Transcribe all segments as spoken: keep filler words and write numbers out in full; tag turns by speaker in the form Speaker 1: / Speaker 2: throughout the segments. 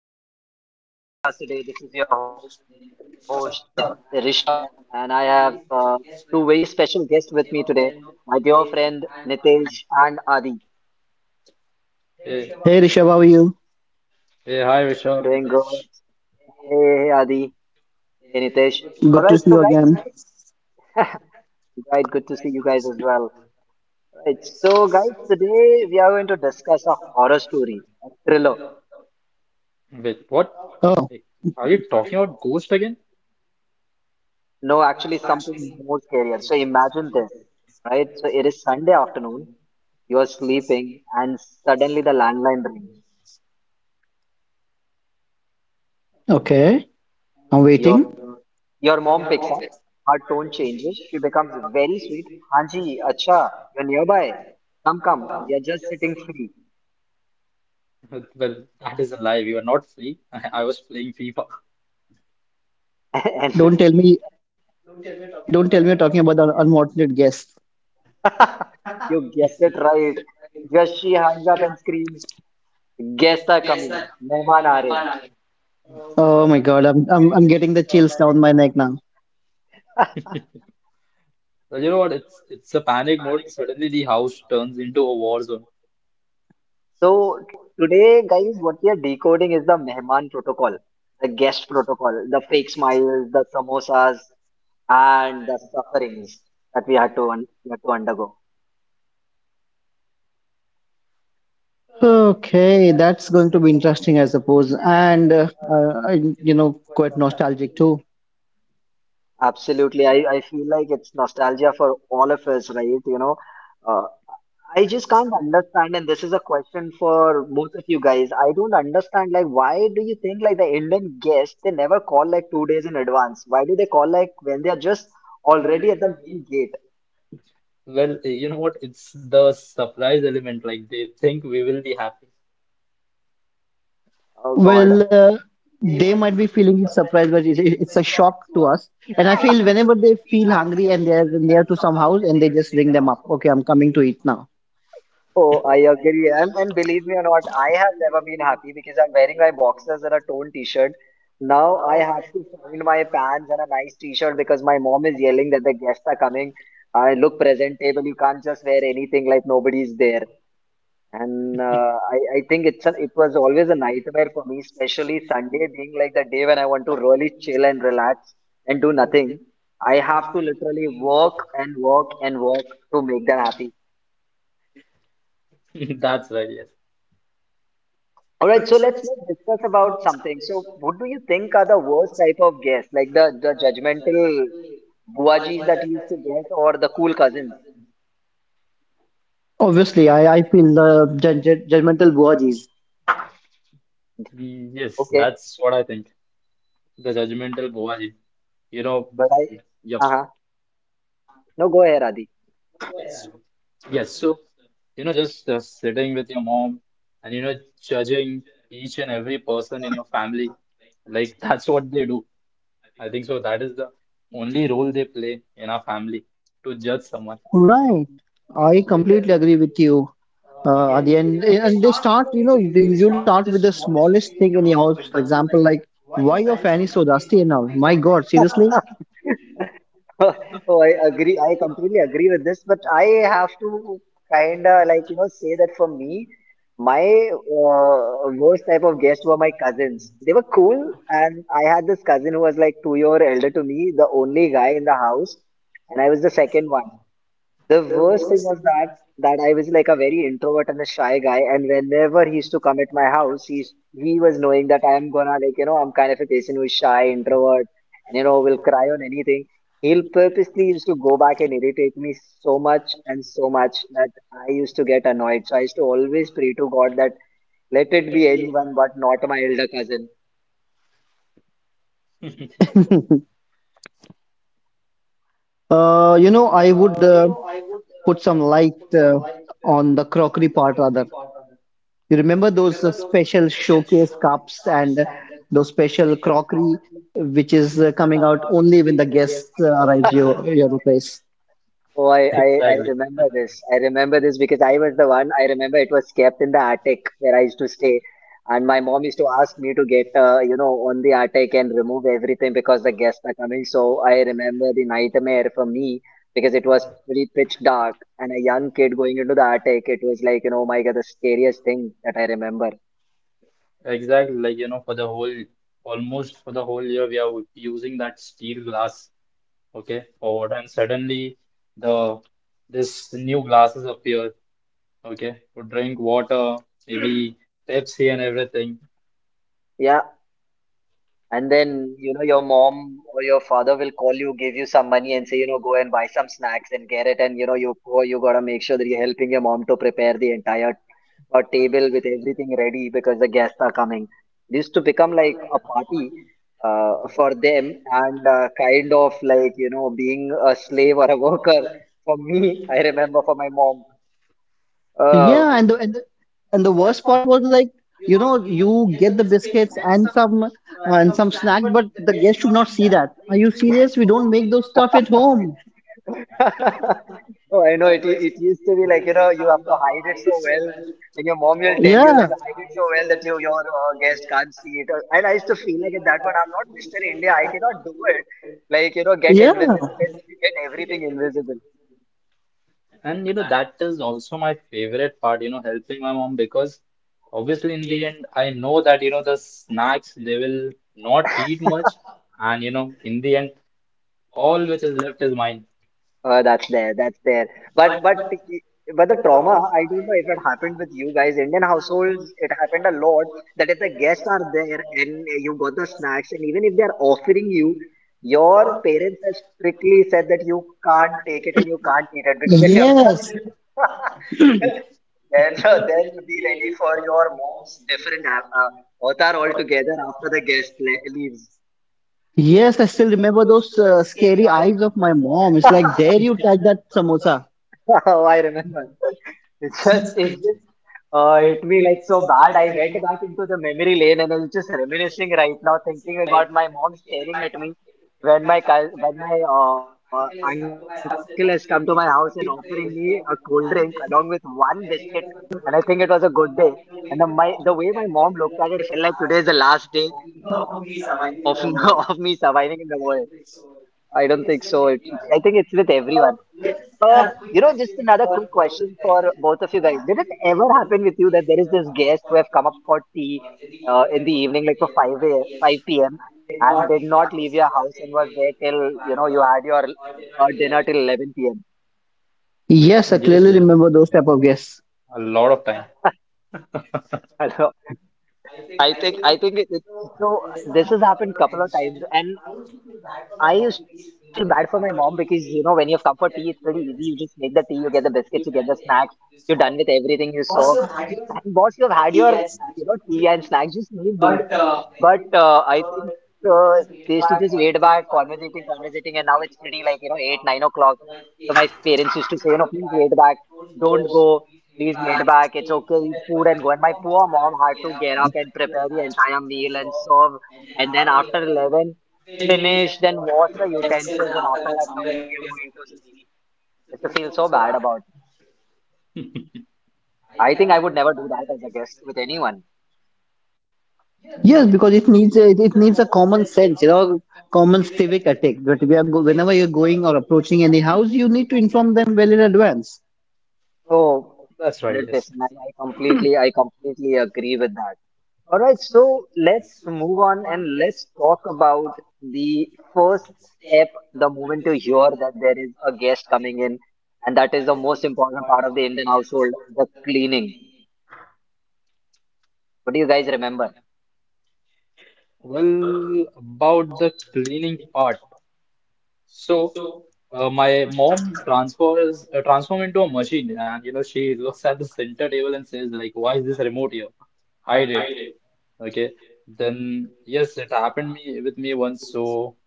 Speaker 1: welcome to our podcast today. This is your host Nit- Rishabh, and I have uh, two very special guests with me today. My dear friend Nitesh and Adi.
Speaker 2: Hey,
Speaker 3: Hey Rishabh, how are you?
Speaker 2: hey, hi
Speaker 1: Doing
Speaker 2: Rishabh,
Speaker 1: good.
Speaker 2: Nitish.
Speaker 1: Hey, hey Adi. Hey Nitesh. All right,
Speaker 3: Good to
Speaker 1: so
Speaker 3: see you
Speaker 1: guys,
Speaker 3: again.
Speaker 1: right, good to see you guys as well. Right, so guys, today we are going to discuss a horror story, a thriller.
Speaker 2: Wait, what?
Speaker 3: Oh,
Speaker 2: Hey, are you talking about Ghost again?
Speaker 1: No, actually, something more scarier. So imagine this, right? So it is Sunday afternoon. You're sleeping, and suddenly the landline rings.
Speaker 3: okay. I'm
Speaker 1: Your
Speaker 3: waiting.
Speaker 1: your mom picks up. Her tone changes. She becomes very sweet. Hanji, acha, you're nearby. Come, come. You're just sitting free.
Speaker 2: Well, that is a lie. We were not free. I was playing FIFA.
Speaker 1: and
Speaker 3: Don't tell me, don't tell me you're talking about the unwanted guests.
Speaker 1: you guessed it right. Just she hangs up and screams, "Guests are coming. Mehman aa rahe hain."
Speaker 3: Oh my God, I'm I'm I'm getting the chills down my neck now.
Speaker 2: Well, you know what? It's it's a panic mode. Suddenly the house turns into a war zone.
Speaker 1: So today, guys, what we are decoding is the Mehman protocol, the guest protocol, the fake smiles, the samosas, and the sufferings that we had to un- we had to undergo.
Speaker 3: Okay, that's going to be interesting, I suppose, and uh, I, I- you know, quite nostalgic too.
Speaker 1: Absolutely. I, I feel like it's nostalgia for all of us, right? You know, uh, I just can't understand, and this is a question for both of you guys. I don't understand, like, why do you think, like, the Indian guests, they never call, like, two days in advance? Why do they call, like, when they are just already at the main gate?
Speaker 2: Well, hey, you know what? It's the surprise element. Like they think we will be happy.
Speaker 1: Oh, God.
Speaker 3: Well, uh, they might be feeling surprised, but it's, it- it's a shock to us. And I feel whenever they feel hungry and they're near to some house and they just ring them up. Okay, I'm coming to eat now.
Speaker 1: Oh, I agree. And, and believe me or not, I have never been happy because I'm wearing my boxers and a torn t-shirt. Now I have to find my pants and a nice t-shirt because my mom is yelling that the guests are coming. I look presentable. You can't just wear anything like nobody's there. And uh, I, I think it's an, it was always a nightmare for me, especially Sunday being like the day when I want to really chill and relax and do nothing. I have to literally work and work and work to make them happy.
Speaker 2: That's right. Yes.
Speaker 1: All right, so let's let's discuss about something. So, what do you think are the worst type of guests, like the the judgmental buajis that you used to get, or the cool cousins?
Speaker 3: Obviously, I, I feel the judge, judgmental bodies.
Speaker 2: Mm, yes,
Speaker 1: Okay,
Speaker 2: that's what I think. The judgmental Bhuvaji. You know.
Speaker 1: but I,
Speaker 2: Yep.
Speaker 1: uh huh. No, go ahead, Adi.
Speaker 2: Yes. So, you know, just uh, sitting with your mom and, you know, judging each and every person in your family. Like, that's what they do. I think so. That is the only role they play in our family, to judge someone.
Speaker 3: Right. I completely agree with you. Uh, at the end, and they start, you know, they usually start with the smallest thing in the house. For example, like, why your fan is so dusty now? My God, seriously?
Speaker 1: Oh, oh, I agree. I completely agree with this, but I have to kind of like, you know, say that for me, my uh, worst type of guests were my cousins. They were cool, and I had this cousin who was like two year elder to me, the only guy in the house, and I was the second one. The worst thing was that that I was like a very introvert and a shy guy, and whenever he used to come at my house, he's he was knowing that I'm gonna like you know I'm kind of a person who's shy, introvert, and you know will cry on anything. He'll purposely used to go back and irritate me so much and so much that I used to get annoyed. So I used to always pray to God that let it be anyone but not my elder cousin.
Speaker 3: Uh, you know, I would uh, put some light uh, on the crockery part rather. You remember those uh, special showcase cups and those special crockery which is uh, coming out only when the guest uh, arrives your your place.
Speaker 1: Oh, I, I, I
Speaker 2: Exactly.
Speaker 1: remember this. I remember this because I was the one. I remember it was kept in the attic where I used to stay, and my mom used to ask me to get, uh, you know, on the attic and remove everything because the guests are coming. So I remember the nightmare for me because it was pretty pitch dark and a young kid going into the attic. It was like, you know, my God, the scariest thing that I remember.
Speaker 2: Exactly. Like, you know, for the whole, almost for the whole year, we are using that steel glass, okay, for water. And suddenly, the this new glasses appear, okay, to drink water, maybe Pepsi and everything.
Speaker 1: Yeah, and then, you know, your mom or your father will call you, give you some money and say, you know, go and buy some snacks and get it. And, you know, you go, you gotta make sure that you're helping your mom to prepare the entire uh, table with everything ready because the guests are coming. It used to become like a party uh, for them and uh, kind of like, you know, being a slave or a worker for me, I remember, for my
Speaker 2: But.
Speaker 1: mom.
Speaker 3: Yeah, and the and the, and the worst part was like, you know, you get the biscuits and some uh, and some snacks, but the guest should not see that. Are you serious? We don't make those stuff at home.
Speaker 1: Uh, Oh, I know it. u- It used to be like you know you have to hide it so well, and your mom will tell you that
Speaker 3: Yeah,
Speaker 1: you hide it so well that you, your uh, guest can't see it. Uh, And I used to feel like at that point I'm not mister India. I cannot do it. Like you know, get
Speaker 3: yeah.
Speaker 1: invisible and get everything invisible.
Speaker 2: And you know, that is also my favorite part, you know, helping my mom, because obviously in the end I know that, you know, the snacks they will not eat much, and you know, in the end all which is left is mine.
Speaker 1: Uh, that's there, that's there. But but i- but the trauma, I don't know if it happened with you guys. Indian households, it happened a lot that if the guests are there and you got the snacks, and even if they are offering you, your parents have strictly said that you can't take it and you can't eat it because if you have done
Speaker 3: Yes.
Speaker 1: it, then then be ready for your mom's different uh, uh, avatar altogether after the guest le- leaves.
Speaker 3: Yes, I still remember those uh, scary eyes of my mom. It's like, dare you touch that samosa?
Speaker 1: Oh, I remember. It's just it. Uh, hit me like so bad. I went back into the memory lane and I was just reminiscing right now, thinking about my mom staring at me when my cou- when my uh, uncle has come to my house and offering me a cold drink along with one biscuit. And I think it was a good day. And the, my the way my mom looked at it, I felt like today is the last day of of me surviving in the world. I don't think so. It, I think it's with everyone. Um, you know, just another quick question for both of you guys. Did it ever happen with you that there is this guest who have come up for tea uh, in the evening, like for five a, five p m and did not leave your house and was there till, you know, you had your uh, dinner till eleven p m?
Speaker 2: Yes,
Speaker 3: Yes, I clearly
Speaker 2: yes,
Speaker 3: remember those type of guests.
Speaker 2: a lot of, yeah, time.
Speaker 1: I think I think it, it, so. This has happened couple of times, and I used to feel bad for my mom because you know when you have comfort tea, it's pretty easy. You just make the tea, you get the biscuits, you get the snacks, you're done with everything you serve. And boss, you've had your you know tea and snacks. Just leave, dude. But uh, I think uh, they used to just wait back, conversating, conversating, and now it's pretty like, you know, eight, nine o'clock. So my parents used to say, you know, please wait back, don't go, please wait back, it's okay, eat food and go. And my poor mom had to get up and prepare the entire meal and serve. And then after eleven, finish, then wash the utensils, and after that, somewhere we are going to sleep. I used to feel so bad about it. I think I would never do that as a guest with anyone.
Speaker 3: Yes, because it needs a, it, it needs a common sense, you know, common civic ethic. But we are go, whenever you're going or approaching any house, you need to inform them well in advance.
Speaker 1: So,
Speaker 2: That's right, yes.
Speaker 1: one hundred percent. I, I completely, I completely agree with that. All right, so let's move on and let's talk about the first step the moment you hear that there is a guest coming in, and that is the most important part of the Indian household, the cleaning. What do you guys remember?
Speaker 2: Well, about the cleaning part. So, uh, my mom transfers uh, transform into a machine, and you know she looks at the center table and says like, "Why is this remote here? Hide it." Okay. Then yes, it happened me with me once. So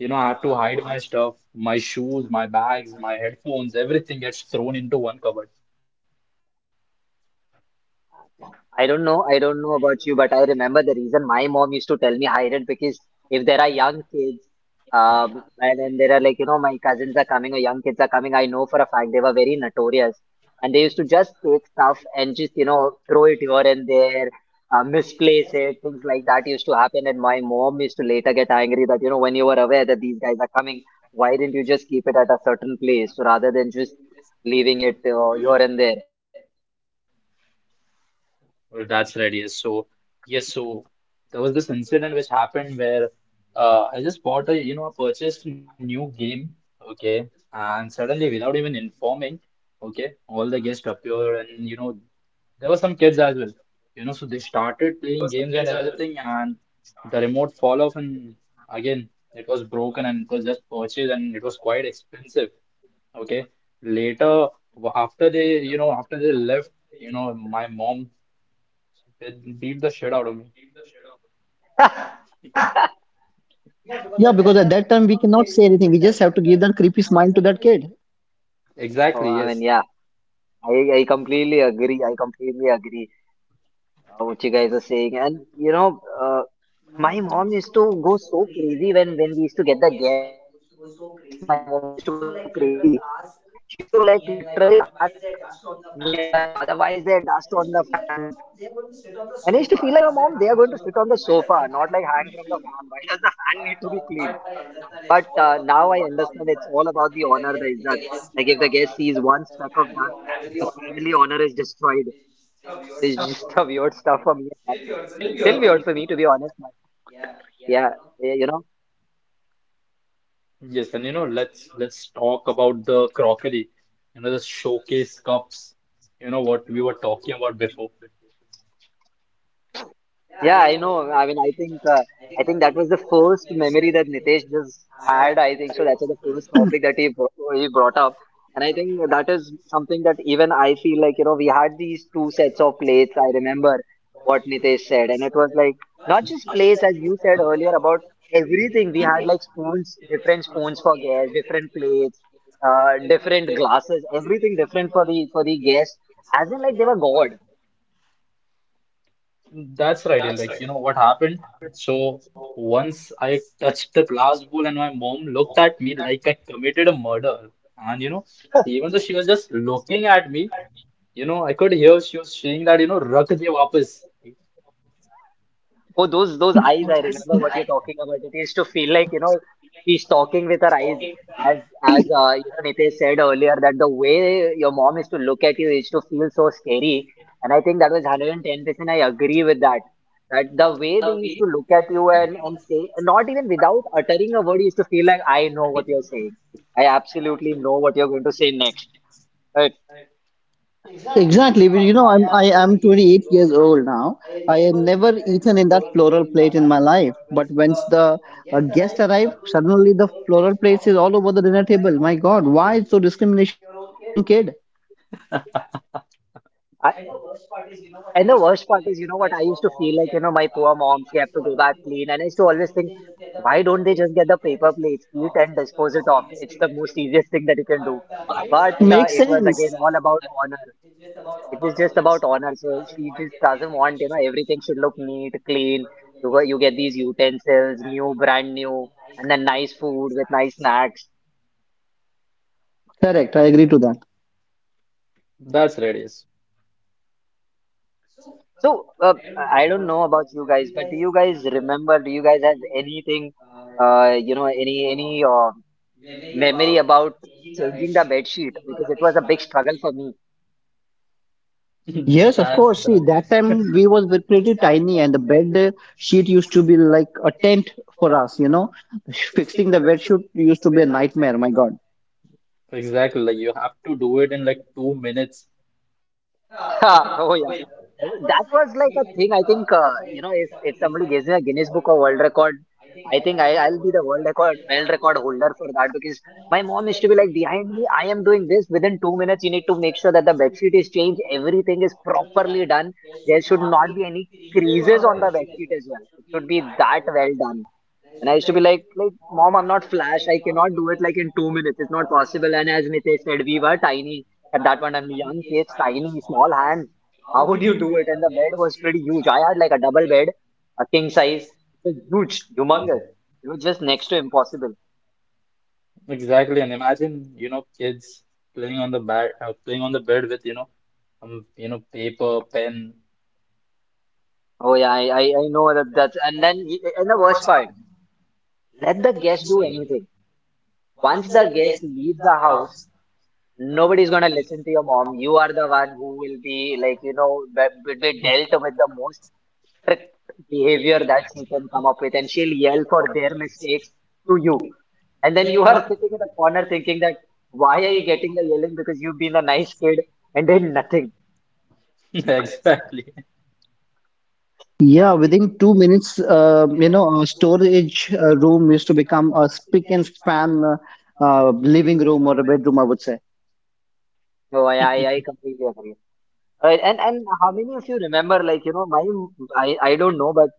Speaker 2: you know I had to hide my stuff, my shoes, my bags, my headphones, everything gets thrown into one cupboard.
Speaker 1: I don't know. I don't know about you, but I remember the reason my mom used to tell me hide it because if there are young kids, um, and then there are like, you know, my cousins are coming or young kids are coming, I know for a fact they were very notorious. And they used to just take stuff and just, you know, throw it here and there, uh, misplace it, things like that used to happen. And my mom used to later get angry that, you know, when you were aware that these guys are coming, why didn't you just keep it at a certain place rather than just leaving it uh, here and there?
Speaker 2: Well, that's right, yes. So, yes, so there was this incident which happened where uh, I just bought a, you know, I purchased a new game, okay, and suddenly without even informing, okay, all the guests appeared and, you know, there were some kids as well, you know, so they started playing games and everything, and the remote fall off, and again, it was broken and it was just purchased and it was quite expensive, okay. Later, w- after they, you know, after they left, you know, my mom it beat the shit out of me.
Speaker 3: Yeah, because at that time we cannot say anything. We just have to give that creepy smile to that kid.
Speaker 1: Uh,
Speaker 2: Exactly,
Speaker 1: I mean,
Speaker 2: yes.
Speaker 1: yeah. I, I completely agree. I completely agree uh, what you guys are saying. And you know, uh, my mom used to go so crazy when when we used to get the guests. My mom used to go so crazy. She used to like literally ask me and my father, "Why is there dust on the fan?" And I used to feel like, you know, mom, they are going to sit on the sofa, not like hang from the fan. Why does the fan need to be cleaned? But uh, now I understand it's all about the honor, the izzat. Like if the guest sees one speck of dust, the family honor is destroyed. It's just a weird stuff for me at that time. Still weird for me, to be honest, but yeah, eh, you know,
Speaker 2: Yes, and you know, let's let's talk about the crockery, you know, the showcase cups, you know, what we were talking about before.
Speaker 1: yeah, I know. I mean, I think uh, I think that was the first memory that Nitesh just had. I think so. That's the first topic that he bro- he brought up, and I think that is something that even I feel like you know we had these two sets of plates. I remember what Nitesh said, and it was like not just plates as you said earlier about everything. We had like spoons, different spoons for guests, different plates, uh, different glasses, everything different for the for the guests. As in, like they were God.
Speaker 2: That's right, yeah, like you know what happened? So once I touched the glass bowl and my mom looked at me like I committed a murder. And you know, even though she was just looking at me, you know, I could hear she was saying that, you know, Rakh de wapas.
Speaker 1: Oh, those those eyes! I remember what you're talking about. It used to feel like you know she's talking with her eyes, as as uh, you know Nitesh said earlier that the way your mom used to look at you used to feel so scary, and I think that was one hundred ten percent. I agree with that. That the way they used to look at you and and say, not even without uttering a word, you used to feel like I know what you're saying. I absolutely know what you're going to say next. Right?
Speaker 3: Exactly. But you know, I'm I am twenty-eight years old now. I have never eaten in that floral plate in my life. But once the uh, guest arrive, suddenly the floral plate is all over the dinner table. My God, why so discrimination with your own kid?
Speaker 1: I, And the worst part is, you know what? I used to feel like, you know, my poor mom, she had to go back clean. And I used to always think, why don't they just get the paper plates, eat and dispose it off? It's the most easiest thing that you can do. But
Speaker 3: Makes
Speaker 1: uh, it
Speaker 3: sense.
Speaker 1: was again all about honor. It was just about honor. So she just doesn't want, you know, everything should look neat, clean. You go, you get these utensils, new, brand new, and then nice food with nice snacks.
Speaker 3: Correct. I agree to that.
Speaker 2: That's right, yes.
Speaker 1: So, uh, I don't know about you guys, but do you guys remember? Do you guys have anything, uh, you know, any any uh, memory about changing the bed sheet? Because it was a big struggle for me.
Speaker 2: Yes,
Speaker 3: Yes, of
Speaker 2: that's
Speaker 3: course. See, that time we was very pretty
Speaker 2: right.
Speaker 3: tiny, and the bed uh, sheet used to be like a tent for us. You know, fixing the bed sheet used to be a nightmare. My God.
Speaker 2: Exactly, like you have to do it in like two minutes.
Speaker 1: Oh yeah, that was like a thing. I think uh, you know, if if somebody gives me a Guinness Book of World Record, I think I I'll be the world record world record holder for that because my mom used to be like behind me. I am doing this within two minutes. You need to make sure that the bed sheet is changed. Everything is properly done. There should not be any creases on the bed sheet as well. It should be that well done. And I used to be like, like, mom, I'm not Flash. I cannot do it like in two minutes. It's not possible. And as Nitesh said, we were tiny at that point. I'm young kids, tiny, small hands. How would you do it? And the bed was pretty huge. I had like a double bed, a king size. It was huge, humongous. It was just next to impossible.
Speaker 2: Exactly, and imagine, you know, kids playing on the bed, uh, playing on the bed with, you know, um, you know, paper, pen.
Speaker 1: Oh yeah, I, I, I know that that's and then and the worst part, let the guest do anything. Once the guest leaves the house, nobody's gonna listen to your mom. You are the one who will be like you know be, be dealt with the most strict behavior that she can come up with and she'll yell for their mistakes to you. And then you are sitting in the corner thinking that why are you getting the yelling because you've been a nice kid and did nothing.
Speaker 2: Exactly.
Speaker 3: Yeah, within two minutes, uh, you know, a storage uh, room used to become a spick and span uh, uh, living room or a bedroom, I would say.
Speaker 1: So I, I, I completely agree. Right, and and how many of you remember like you know my I I don't know but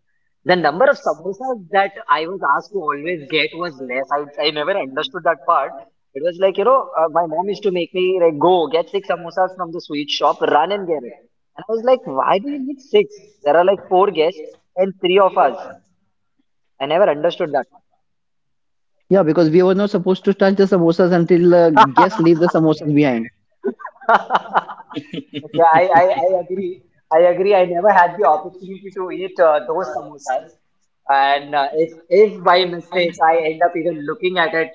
Speaker 1: the number of samosas that I was asked to always get was less. I, I never understood that part. It was like, you know, uh, my mom used to make me like, go get six samosas from the sweet shop, run and get it. And I was like, why do you need six? There are like four guests and three of us. I never understood that
Speaker 3: Yeah, because we were not supposed to touch the samosas until uh,
Speaker 1: part.
Speaker 3: guests leave the samosas behind.
Speaker 1: Yeah, I, I, I agree. I agree. I never had the opportunity to eat uh, those samosas. And uh, if if by mistake I end up even looking at it,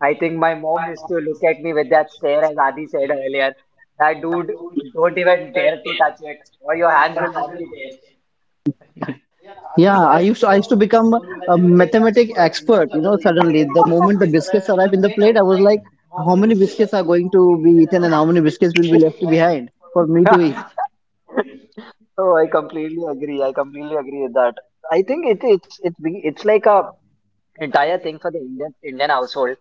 Speaker 1: I think my mom used to look at me with that stare, as Adi said earlier. That dude, don't even dare to touch it, or your hands will not be there.
Speaker 3: Yeah, I used to I used to become a mathematic expert, you know, suddenly the moment the biscuits arrive in the plate, I was like, how many biscuits are going to be eaten and how many biscuits will be left behind for me to eat?
Speaker 1: So I completely agree. I completely agree with that. I think it, it's it's be- it's like a entire thing for the Indian Indian household.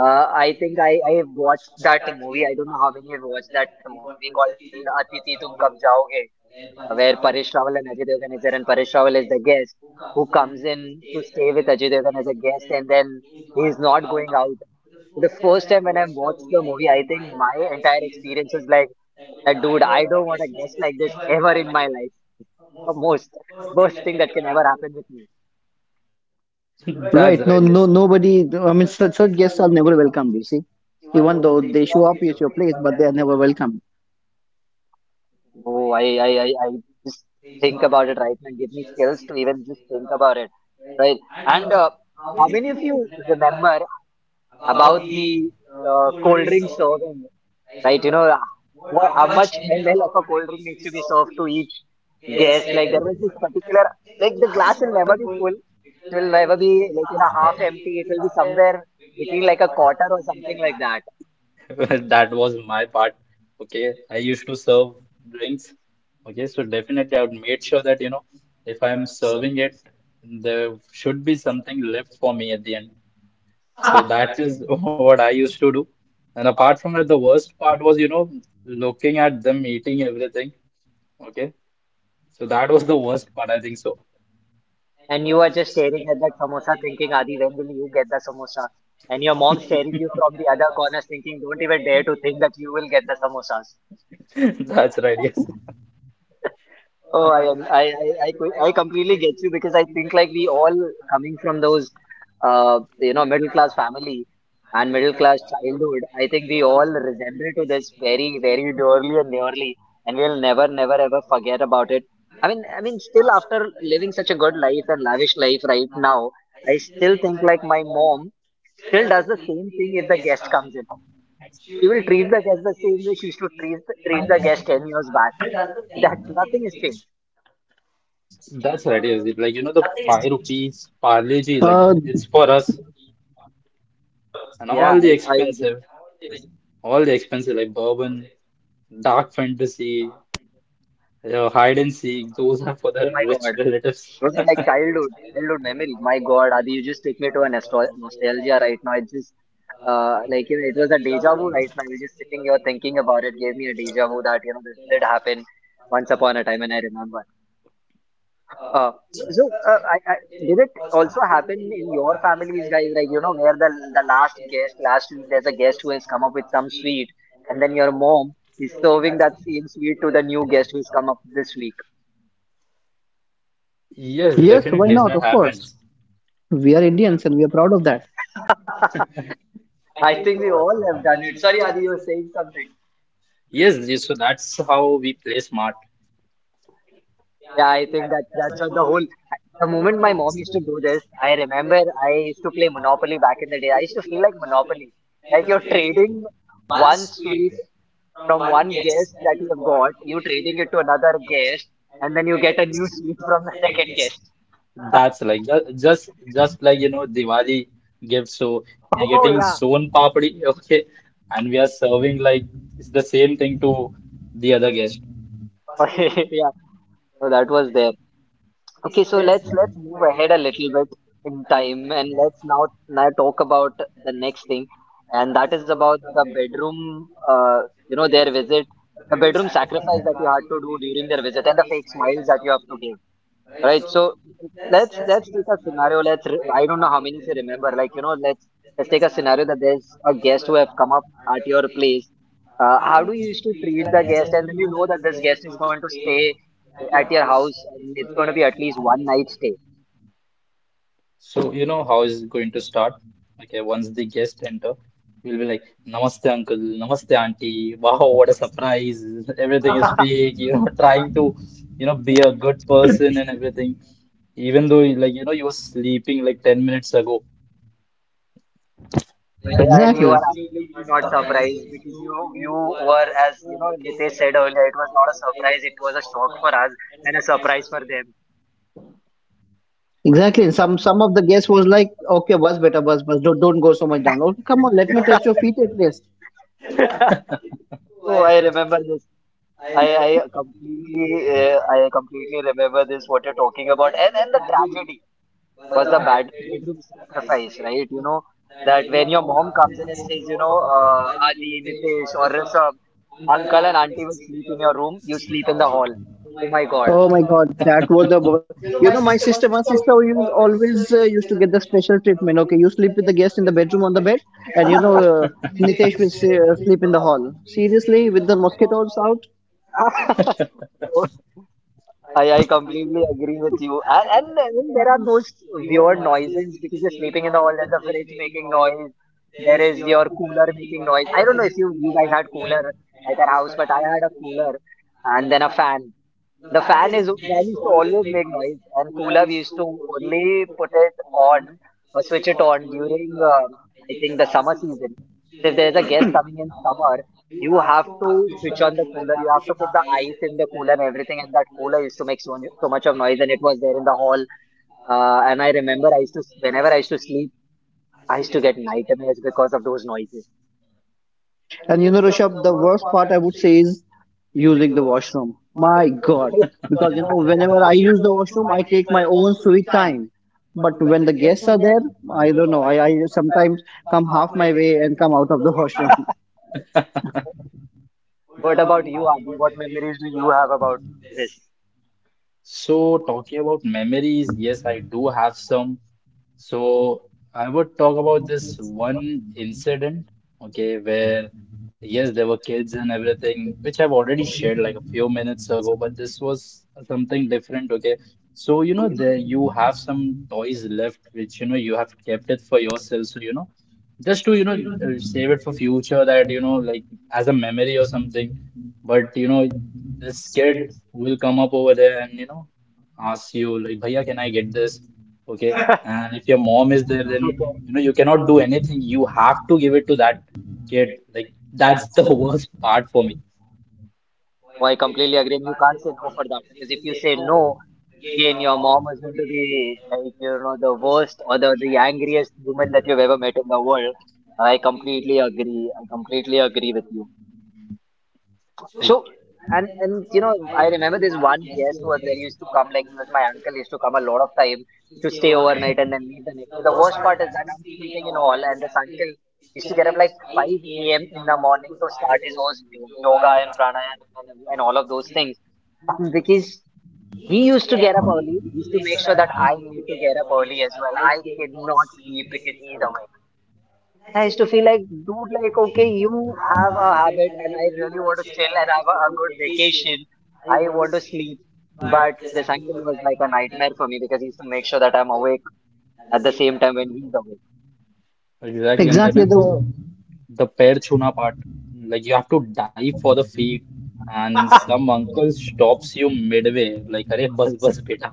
Speaker 1: Uh, I think I I have watched that movie. I don't know how many have watched that movie called Atiti Tum Kab Jaoge. Uh, where Paresh Rawal and Ajay Devgn is there, and Paresh Rawal is the guest who comes in to stay with Ajay Devgn as a guest, and then he is not going out. The first time when I watched the movie, I think my entire experience was like that. Dude, I don't want a guest like this ever in my life. The most worst thing that can ever happen with me.
Speaker 2: That's
Speaker 3: Right. No,
Speaker 2: right.
Speaker 3: no,
Speaker 2: Yes.
Speaker 3: nobody. I mean, such, such guests are never welcomed, you see. Even though they show up at your place, but they are never welcome.
Speaker 1: Oh, I, I, I, I just think about it right now. Give me chills to even just think about it, right? And uh, how many of you remember about the uh, cold drink serving right? You know, uh, what, how much ml of a cold drink needs to be served to each guest? Like there was this particular, like the glass will never be full. It will never be like, you know, half empty. It will be somewhere between like a quarter or something like that.
Speaker 2: That was my part. Okay, I used to serve drinks. Okay, so definitely I would make sure that, you know, if I'm serving it, there should be something left for me at the end. So that is what I used to do. And apart from that, the worst part was, you know, looking at them eating everything. Okay. So that was the worst part, I think so.
Speaker 1: And you are just staring at that samosa thinking, Adi, when will you get the samosa? And your mom staring you from the other corners thinking, don't even dare to think that you will get the samosas.
Speaker 2: That's right, yes.
Speaker 1: Oh, I am. I, I, I, qu- I completely get you because I think like we all coming from those, uh, you know, middle class family and middle class childhood. I think we all resemble to this very, very dearly and nearly, and we'll never, never, ever forget about it. I mean, I mean, still after living such a good life and lavish life right now, I still think like my mom still does the same thing if the guest comes in. She will treat the guest the same way she used to treat the, treat the guest ten years back. That nothing has changed.
Speaker 2: That's right, yes.
Speaker 3: Uh,
Speaker 2: Like, you know, the five rupees Parle G, like it's for us. And
Speaker 1: Yeah,
Speaker 2: all the
Speaker 1: I, I agree.
Speaker 2: expensive, all the expensive, like bourbon, dark fantasy, uh, hide and seek, those are for
Speaker 1: Oh
Speaker 2: the
Speaker 1: my God.
Speaker 2: rich relatives.
Speaker 1: Those are like childhood, childhood memories. My God, Adi, you just took me to a nostal nostalgia right now. It just, uh, like, you know, it was a deja vu right now. You're just sitting here thinking about it, gave me a deja vu that, you know, this did happen once upon a time, and I remember. Uh, so, uh, I, I, did it also happen in your families, guys? Like, you know, where the the last guest last week, there's a guest who has come up with some sweet, and then your mom is serving that same sweet to the new guest who's come up this week.
Speaker 2: Yes,
Speaker 3: yes, why
Speaker 2: definitely. It
Speaker 3: not?
Speaker 2: not
Speaker 3: Of
Speaker 2: happened.
Speaker 3: course. We are Indians and we are proud of that.
Speaker 1: I think we all have done it. Sorry, Adi, you were saying something.
Speaker 2: Yes, yes, so that's how we play smart.
Speaker 1: Yeah, I think that that's what the whole. The moment my mom used to do this, I remember I used to play Monopoly back in the day. I used to feel like Monopoly, like you're trading one sweet from one guest that you have got, you trading it to another guest, and then you get a new sweet from the second guest.
Speaker 2: That's like ju- just just like you know Diwali gives. So we're
Speaker 1: Oh
Speaker 2: getting
Speaker 1: yeah.
Speaker 2: sown papdi, okay, and we are serving like it's the same thing to the other guest.
Speaker 1: Okay, yeah. So that was there. Okay, so let's let's move ahead a little bit in time and let's now now talk about the next thing, and that is about the bedroom, uh, you know, their visit, the bedroom sacrifice that you had to do during their visit and the fake smiles that you have to give. Right. So let's let's take a scenario. Let's re- I don't know how many if you remember. Like you know, let's let's take a scenario that there's a guest who have come up at your place. Uh, how do you used to treat the guest, and then you know that this guest is going to stay at your house, and it's going to be at least one night stay.
Speaker 2: So you know how is it going to start? Okay, once the guest enter, we'll be like, "Namaste, uncle. Namaste, auntie. Wow, what a surprise!" Everything is fake. You know, trying to, you know, be a good person and everything. Even though, like, you know, you were sleeping like ten minutes ago.
Speaker 1: But- And
Speaker 3: Exactly.
Speaker 1: you are absolutely not surprised because you you were as you know Nitesh said earlier, it was not a surprise. It was a shock for us and a surprise for them.
Speaker 3: Exactly. And some some of the guests was like, okay, bus better, bus, bus. Don't don't go so much down. Okay, come on, let me touch your feet at least.
Speaker 1: Oh, I remember this. I, I completely uh, I completely remember this what you're talking about and and the tragedy was the bad bedroom sacrifice right you know that when your mom comes in and says you know uh, Adi Nitesh or Rishabh uncle and auntie will sleep in your room you sleep in the hall oh my god
Speaker 3: Oh my God, that was the bo- you know my sister, my sister used always uh, used to get the special treatment. Okay, you sleep with the guest in the bedroom on the bed, and you know uh, Nitesh will s- uh, sleep in the hall. Seriously, with the mosquitoes out.
Speaker 1: I, I completely agree with you. And, and then there are those weird noises because you're sleeping in the hall, there's a fridge making noise, there is your cooler making noise. I don't know if you, you guys had cooler at your house, but I had a cooler and then a fan. The fan is fan used to always make noise, and cooler we used to only put it on or switch it on during um I think the summer season. So if there's a guest coming in summer, you have to switch on the cooler. You have to put the ice in the cooler and everything, and that cooler used to make so, so much of noise, and it was there in the hall. Uh, and I remember I used to whenever I used to sleep, I used to get nightmares because of those noises.
Speaker 3: And you know, Rishabh, the worst part I would say is using the washroom. My God. Because, you know, whenever I use the washroom, I take my own sweet time. But when the guests are there, I don't know. I, I sometimes come half my way and come out of the washroom.
Speaker 1: What about you, Adi? What memories do you have about this?
Speaker 2: So talking about memories, yes, I do have some. So I would talk about this one incident, okay, where yes, there were kids and everything, which I've already shared like a few minutes ago, but this was something different, okay. So you know, there you have some toys left, which you know you have kept it for yourself, so you know, just to you know uh, save it for future, that you know like as a memory or something. But you know, this kid will come up over there and you know ask you like, "Bhaiya, can I get this?" Okay. And if your mom is there, then you know you cannot do anything. You have to give it to that kid. Like that's the worst part for me.
Speaker 1: Oh, I completely agree. And you can't say no for that because if you say no, again, your mom is going to be like, you know, the worst or the, the angriest woman that you've ever met in the world. I completely agree. I completely agree with you. So,
Speaker 2: Like
Speaker 1: and, and you know, I remember this one guest who was there, he used to come, like, he was my uncle, he used to come a lot of time to stay overnight and then leave the next day. The worst part is that I'm sleeping in all, and this uncle used to get up like five a m in the morning to start his own yo- yoga and pranayama and, and all of those things um, because he used to get up early. He used to make sure that I need to get up early as well. I cannot sleep because he's awake. And I used to feel like, dude, like, okay, you have a habit and I really want to chill and have a, a good vacation. I want to sleep. But this uncle was like a nightmare for me because he used to make sure that I'm awake at the same time when he's awake.
Speaker 2: exactly. And
Speaker 3: Exactly
Speaker 2: remember
Speaker 3: the
Speaker 2: the the pair chuna part. Like you have to dive for the feet, and some uncle stops you midway. Like, "Arey bus bus beta."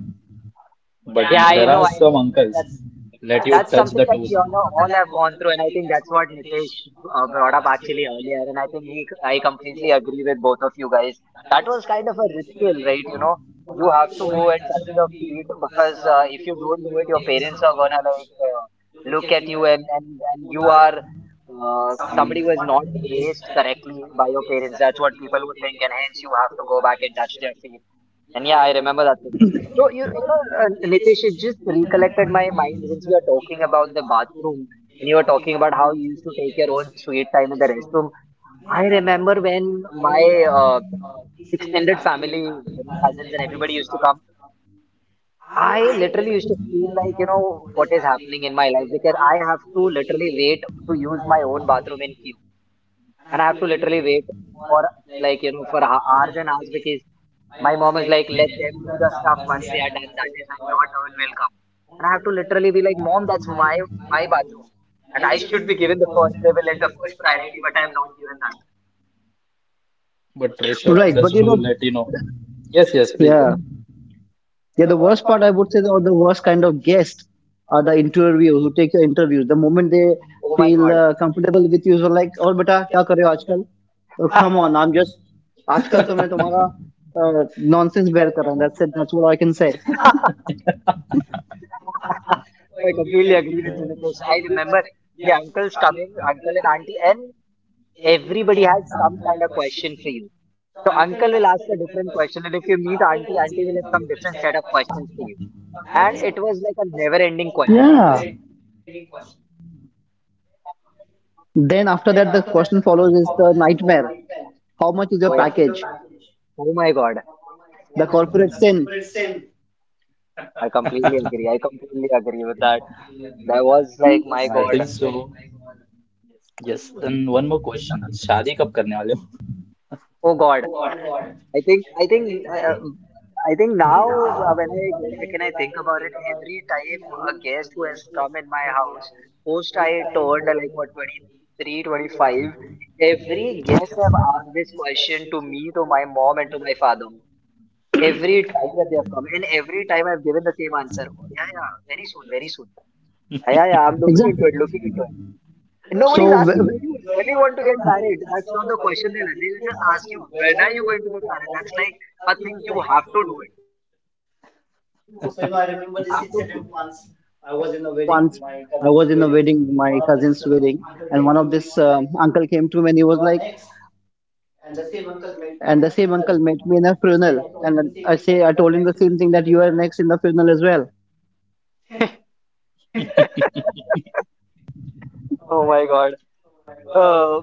Speaker 2: But
Speaker 1: Yeah,
Speaker 2: there
Speaker 1: I
Speaker 2: are
Speaker 1: know, I
Speaker 2: some
Speaker 1: know.
Speaker 2: uncles. Let
Speaker 1: That's something that we all all have gone through, and I think that's what Nitesh uh, brought up actually earlier. And I think he, I completely agree with both of you guys. That was kind of a ritual, right? You know, you have to go and touch the feet because uh, if you don't do it, your parents are gonna like uh, look at you, and and and you are uh, somebody who is not raised correctly by your parents. That's what people would think, and hence you have to go back and touch their feet. And yeah, I remember that thing. So you you know, uh, Nitish, it just recollected my mind since we are talking about the bathroom and you were talking about how you used to take your own sweet time in the restroom. I remember when my uh, extended family, you know, cousins and everybody used to come. I literally used to feel like, you know, what is happening in my life because I have to literally wait to use my own bathroom in queue, and I have to literally wait for like you know for ho- hours and hours because my mom is like, let them do the stuff once they are done. That is when your turn will come. And I have to literally be like, mom, that's my my bathroom, and I should be given the first privilege, the first priority, but I am not given that.
Speaker 2: But So
Speaker 3: right. But, you know,
Speaker 2: let You know, yes, yes, please, yeah, go
Speaker 3: yeah.
Speaker 2: ahead.
Speaker 3: Yeah, the worst part I would say, or the worst kind of guest are the interviewers who take your interviews. The moment they
Speaker 1: Oh my
Speaker 3: feel
Speaker 1: god.
Speaker 3: uh, comfortable with you, so like, और बेटा क्या कर रहे हो आजकल? Oh, come on, I'm just आजकल तो मैं तुम्हारा uh, nonsense bear कर रहा हूँ. That's it. That's what I can say.
Speaker 1: I completely agree with you, Nitish. I remember the uncles coming, uncle and auntie, and everybody had some kind of question for you. So uncle will ask a different question, and if you meet auntie, auntie will have some different set of questions for you. And it was like
Speaker 3: Yeah.
Speaker 1: a never-ending question.
Speaker 3: Then after that, the question follows is the nightmare. How much is your package,
Speaker 1: Oh, yeah. Oh my God.
Speaker 3: the corporate sin?
Speaker 1: I completely agree. I completely agree with that.
Speaker 2: And
Speaker 1: That was like, my God.
Speaker 2: yes, and one more question. शादी कब करने वाले हो?
Speaker 1: Oh God. I think, I think, uh, I think now uh, when I go back and I think about it, every time a guest who has come in my house, post I turned uh, like what twenty three, twenty five, every guest have asked this question to me, to my mom, and to my father. Every time that they have come, and every time I've given the same answer. Oh, yeah, yeah, very soon, very soon. Ah, yeah, yeah, I'm looking into it, looking into it.
Speaker 3: Exactly.
Speaker 1: And nobody's asking, do you really
Speaker 3: so
Speaker 1: want to get
Speaker 3: w-
Speaker 1: married? That's not the question they'll ask. They'll just ask you, when are you going to get married? That's like a thing you have to do it.
Speaker 3: so you know, I remember this incident once. I was in a wedding, my cousin's wedding, and one of this um, uncle came to me and he was like, you are next. And the same uncle met me in a funeral and i say I told him the same thing, that you are next in the funeral as well.
Speaker 1: Oh my God. Uh,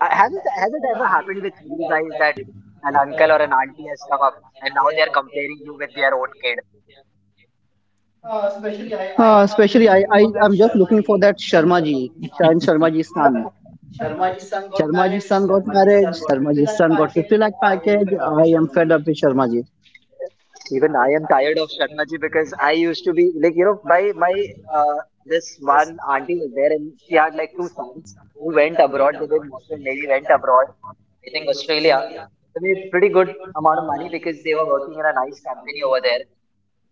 Speaker 1: has it has it ever happened with you guys that an uncle or an auntie has come up and now they're comparing you with their own kid?
Speaker 3: uh, especially i i am just looking for that Sharma ji, shayan Sharma ji's son. Sharmaji's son got married. Sharmaji's son got fifty lakh package. I am fed up with Sharmaji.
Speaker 1: Even I am tired of Sharmaji because I used to be like you know my my uh, this one auntie was there and she had like two sons who went abroad. They did merchant navy, went abroad. I think Australia, I made pretty good amount of money because they were working in a nice company over there.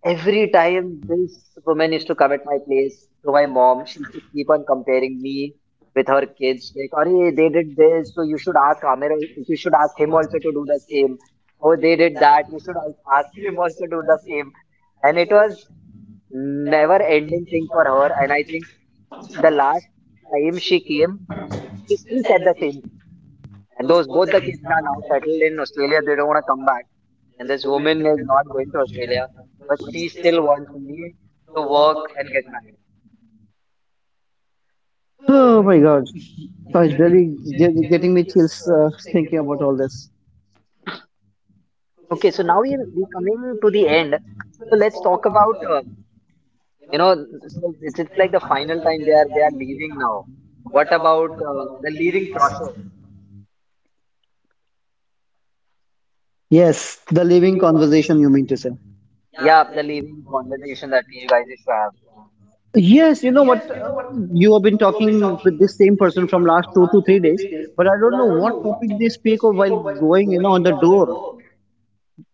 Speaker 1: Every time this woman used to come at my place to my mom, she used to keep on comparing me with her kids. Like, oh, they did this, so you should ask Amir, al- you should ask him also to do the same. Oh, they did that, you should al- ask him also to do the same. And it was never ending thing for her. And I think the last time she came, she still said the same thing. And those both the kids are now settled in Australia. They don't want to come back, and this woman is not going to Australia, but she still wants me to work and get married.
Speaker 3: Oh my God. It's really ge- getting me chills uh, thinking about all this.
Speaker 1: Okay, so now we're we coming to the end. So let's talk about uh, you know so it's it's like the final time they are they are leaving now. What about uh, the leaving process?
Speaker 3: Yes, the living conversation you mean to say.
Speaker 1: Yeah, the leaving conversation that you guys used to have.
Speaker 3: Yes, you know what? Uh, you have been talking with this same person from last two to three days, but I don't know what topic they speak of while going, you know, on the door.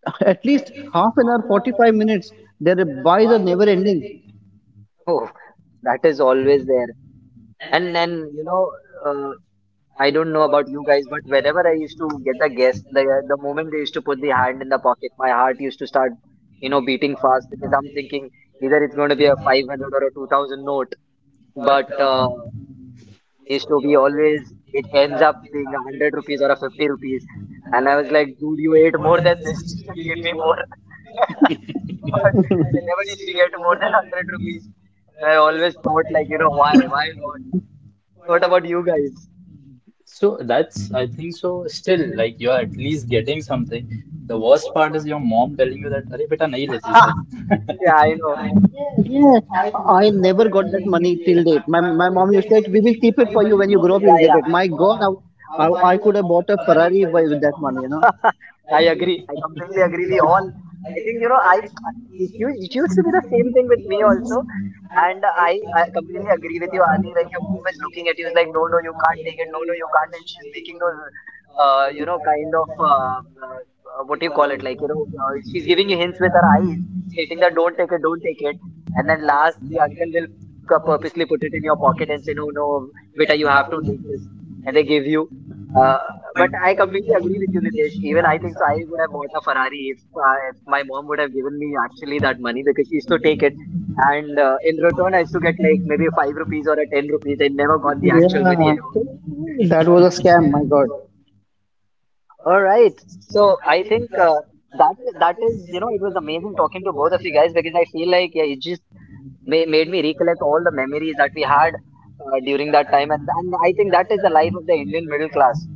Speaker 3: At least half an hour, forty-five minutes. Their buys are never ending.
Speaker 1: Oh, that is always there. And then you know uh, I don't know about you guys, but whenever I used to get the guest, the the moment they used to put the hand in the pocket, my heart used to start, you know, beating fast because I'm thinking either it's going to be a five hundred or a two thousand note, but uh, used to be always it ends up being a hundred rupees or a fifty rupees, and I was like, dude, you ate more than this, you should give me more, but I never used to get more than hundred rupees. I always thought like, you know, why, why not? What about you guys?
Speaker 2: So that's, I think so, still like you're at least getting something. The worst part is your mom telling you that, अरे बेटा नहीं लेती sir.
Speaker 1: Yeah, I know.
Speaker 3: Yeah, I never got that money till date. My my mom used to say, we will keep it for you when you grow up, you'll
Speaker 1: Yeah,
Speaker 3: get
Speaker 1: yeah.
Speaker 3: it. My God, I, I, I could have bought a Ferrari by, with that money, you know.
Speaker 1: I agree. I completely agree. We all, I think, you know, I it used, it used to be the same thing with me also. And I, I completely agree with you, Adi. Like your mom is looking at you, is like, no, no, you can't take it. No, no, you can't. And she's making those, uh, you know, kind of, uh, uh, uh, what do you call it? Like, you know, uh, she's giving you hints with her eyes, stating that don't take it, don't take it. And then last, the uncle will cu- purposely put it in your pocket and say, no, no, beta, you have to take this. And they give you. Uh, but I completely agree with you, Nitesh. Even I think so. I would have bought a Ferrari if, uh, if my mom would have given me actually that money because she used to take it. And uh, in return, I used to get like maybe five rupees or a ten rupees. I never got the actual
Speaker 3: Yeah,
Speaker 1: money ever.
Speaker 3: that was a scam. My God,
Speaker 1: All right. So I think uh, that that is, you know, it was amazing talking to both of you guys because I feel like yeah, it just ma made me recollect all the memories that we had uh, during that time. And, and I think that is the life of the Indian middle class.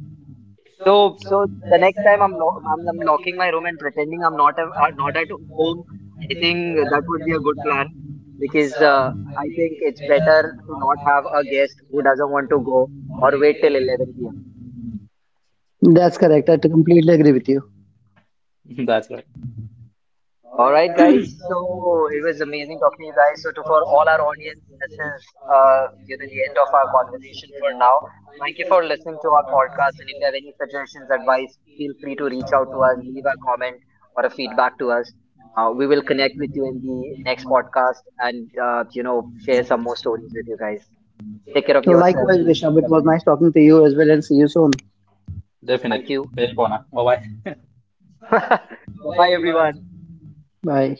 Speaker 1: So, so the next time I'm, lo- I'm I'm locking my room and pretending I'm not a, uh, not at home. I think that would be a good plan because uh, I think it's better to not have a guest who doesn't want to go or wait till eleven p m.
Speaker 3: that's correct. I completely agree with you.
Speaker 2: That's right.
Speaker 1: All right, guys. So it was amazing talking to you guys. So to for all our audience, this is uh, you know the end of our conversation for now. Thank you for listening to our podcast. And if you have any suggestions, advice, feel free to reach out to us, leave a comment or a feedback to us. Uh, we will connect with you in the next podcast and uh, you know share some more stories with you guys. Take care of yourself,
Speaker 3: Likewise,
Speaker 1: people.
Speaker 3: Rishabh, it
Speaker 1: Bye
Speaker 3: was
Speaker 1: bye.
Speaker 3: nice talking to you as well, and see you soon.
Speaker 1: Thank
Speaker 2: Definitely.
Speaker 1: you.
Speaker 2: तेरी कौन Bye bye.
Speaker 1: Bye bye, everyone.
Speaker 3: Bye.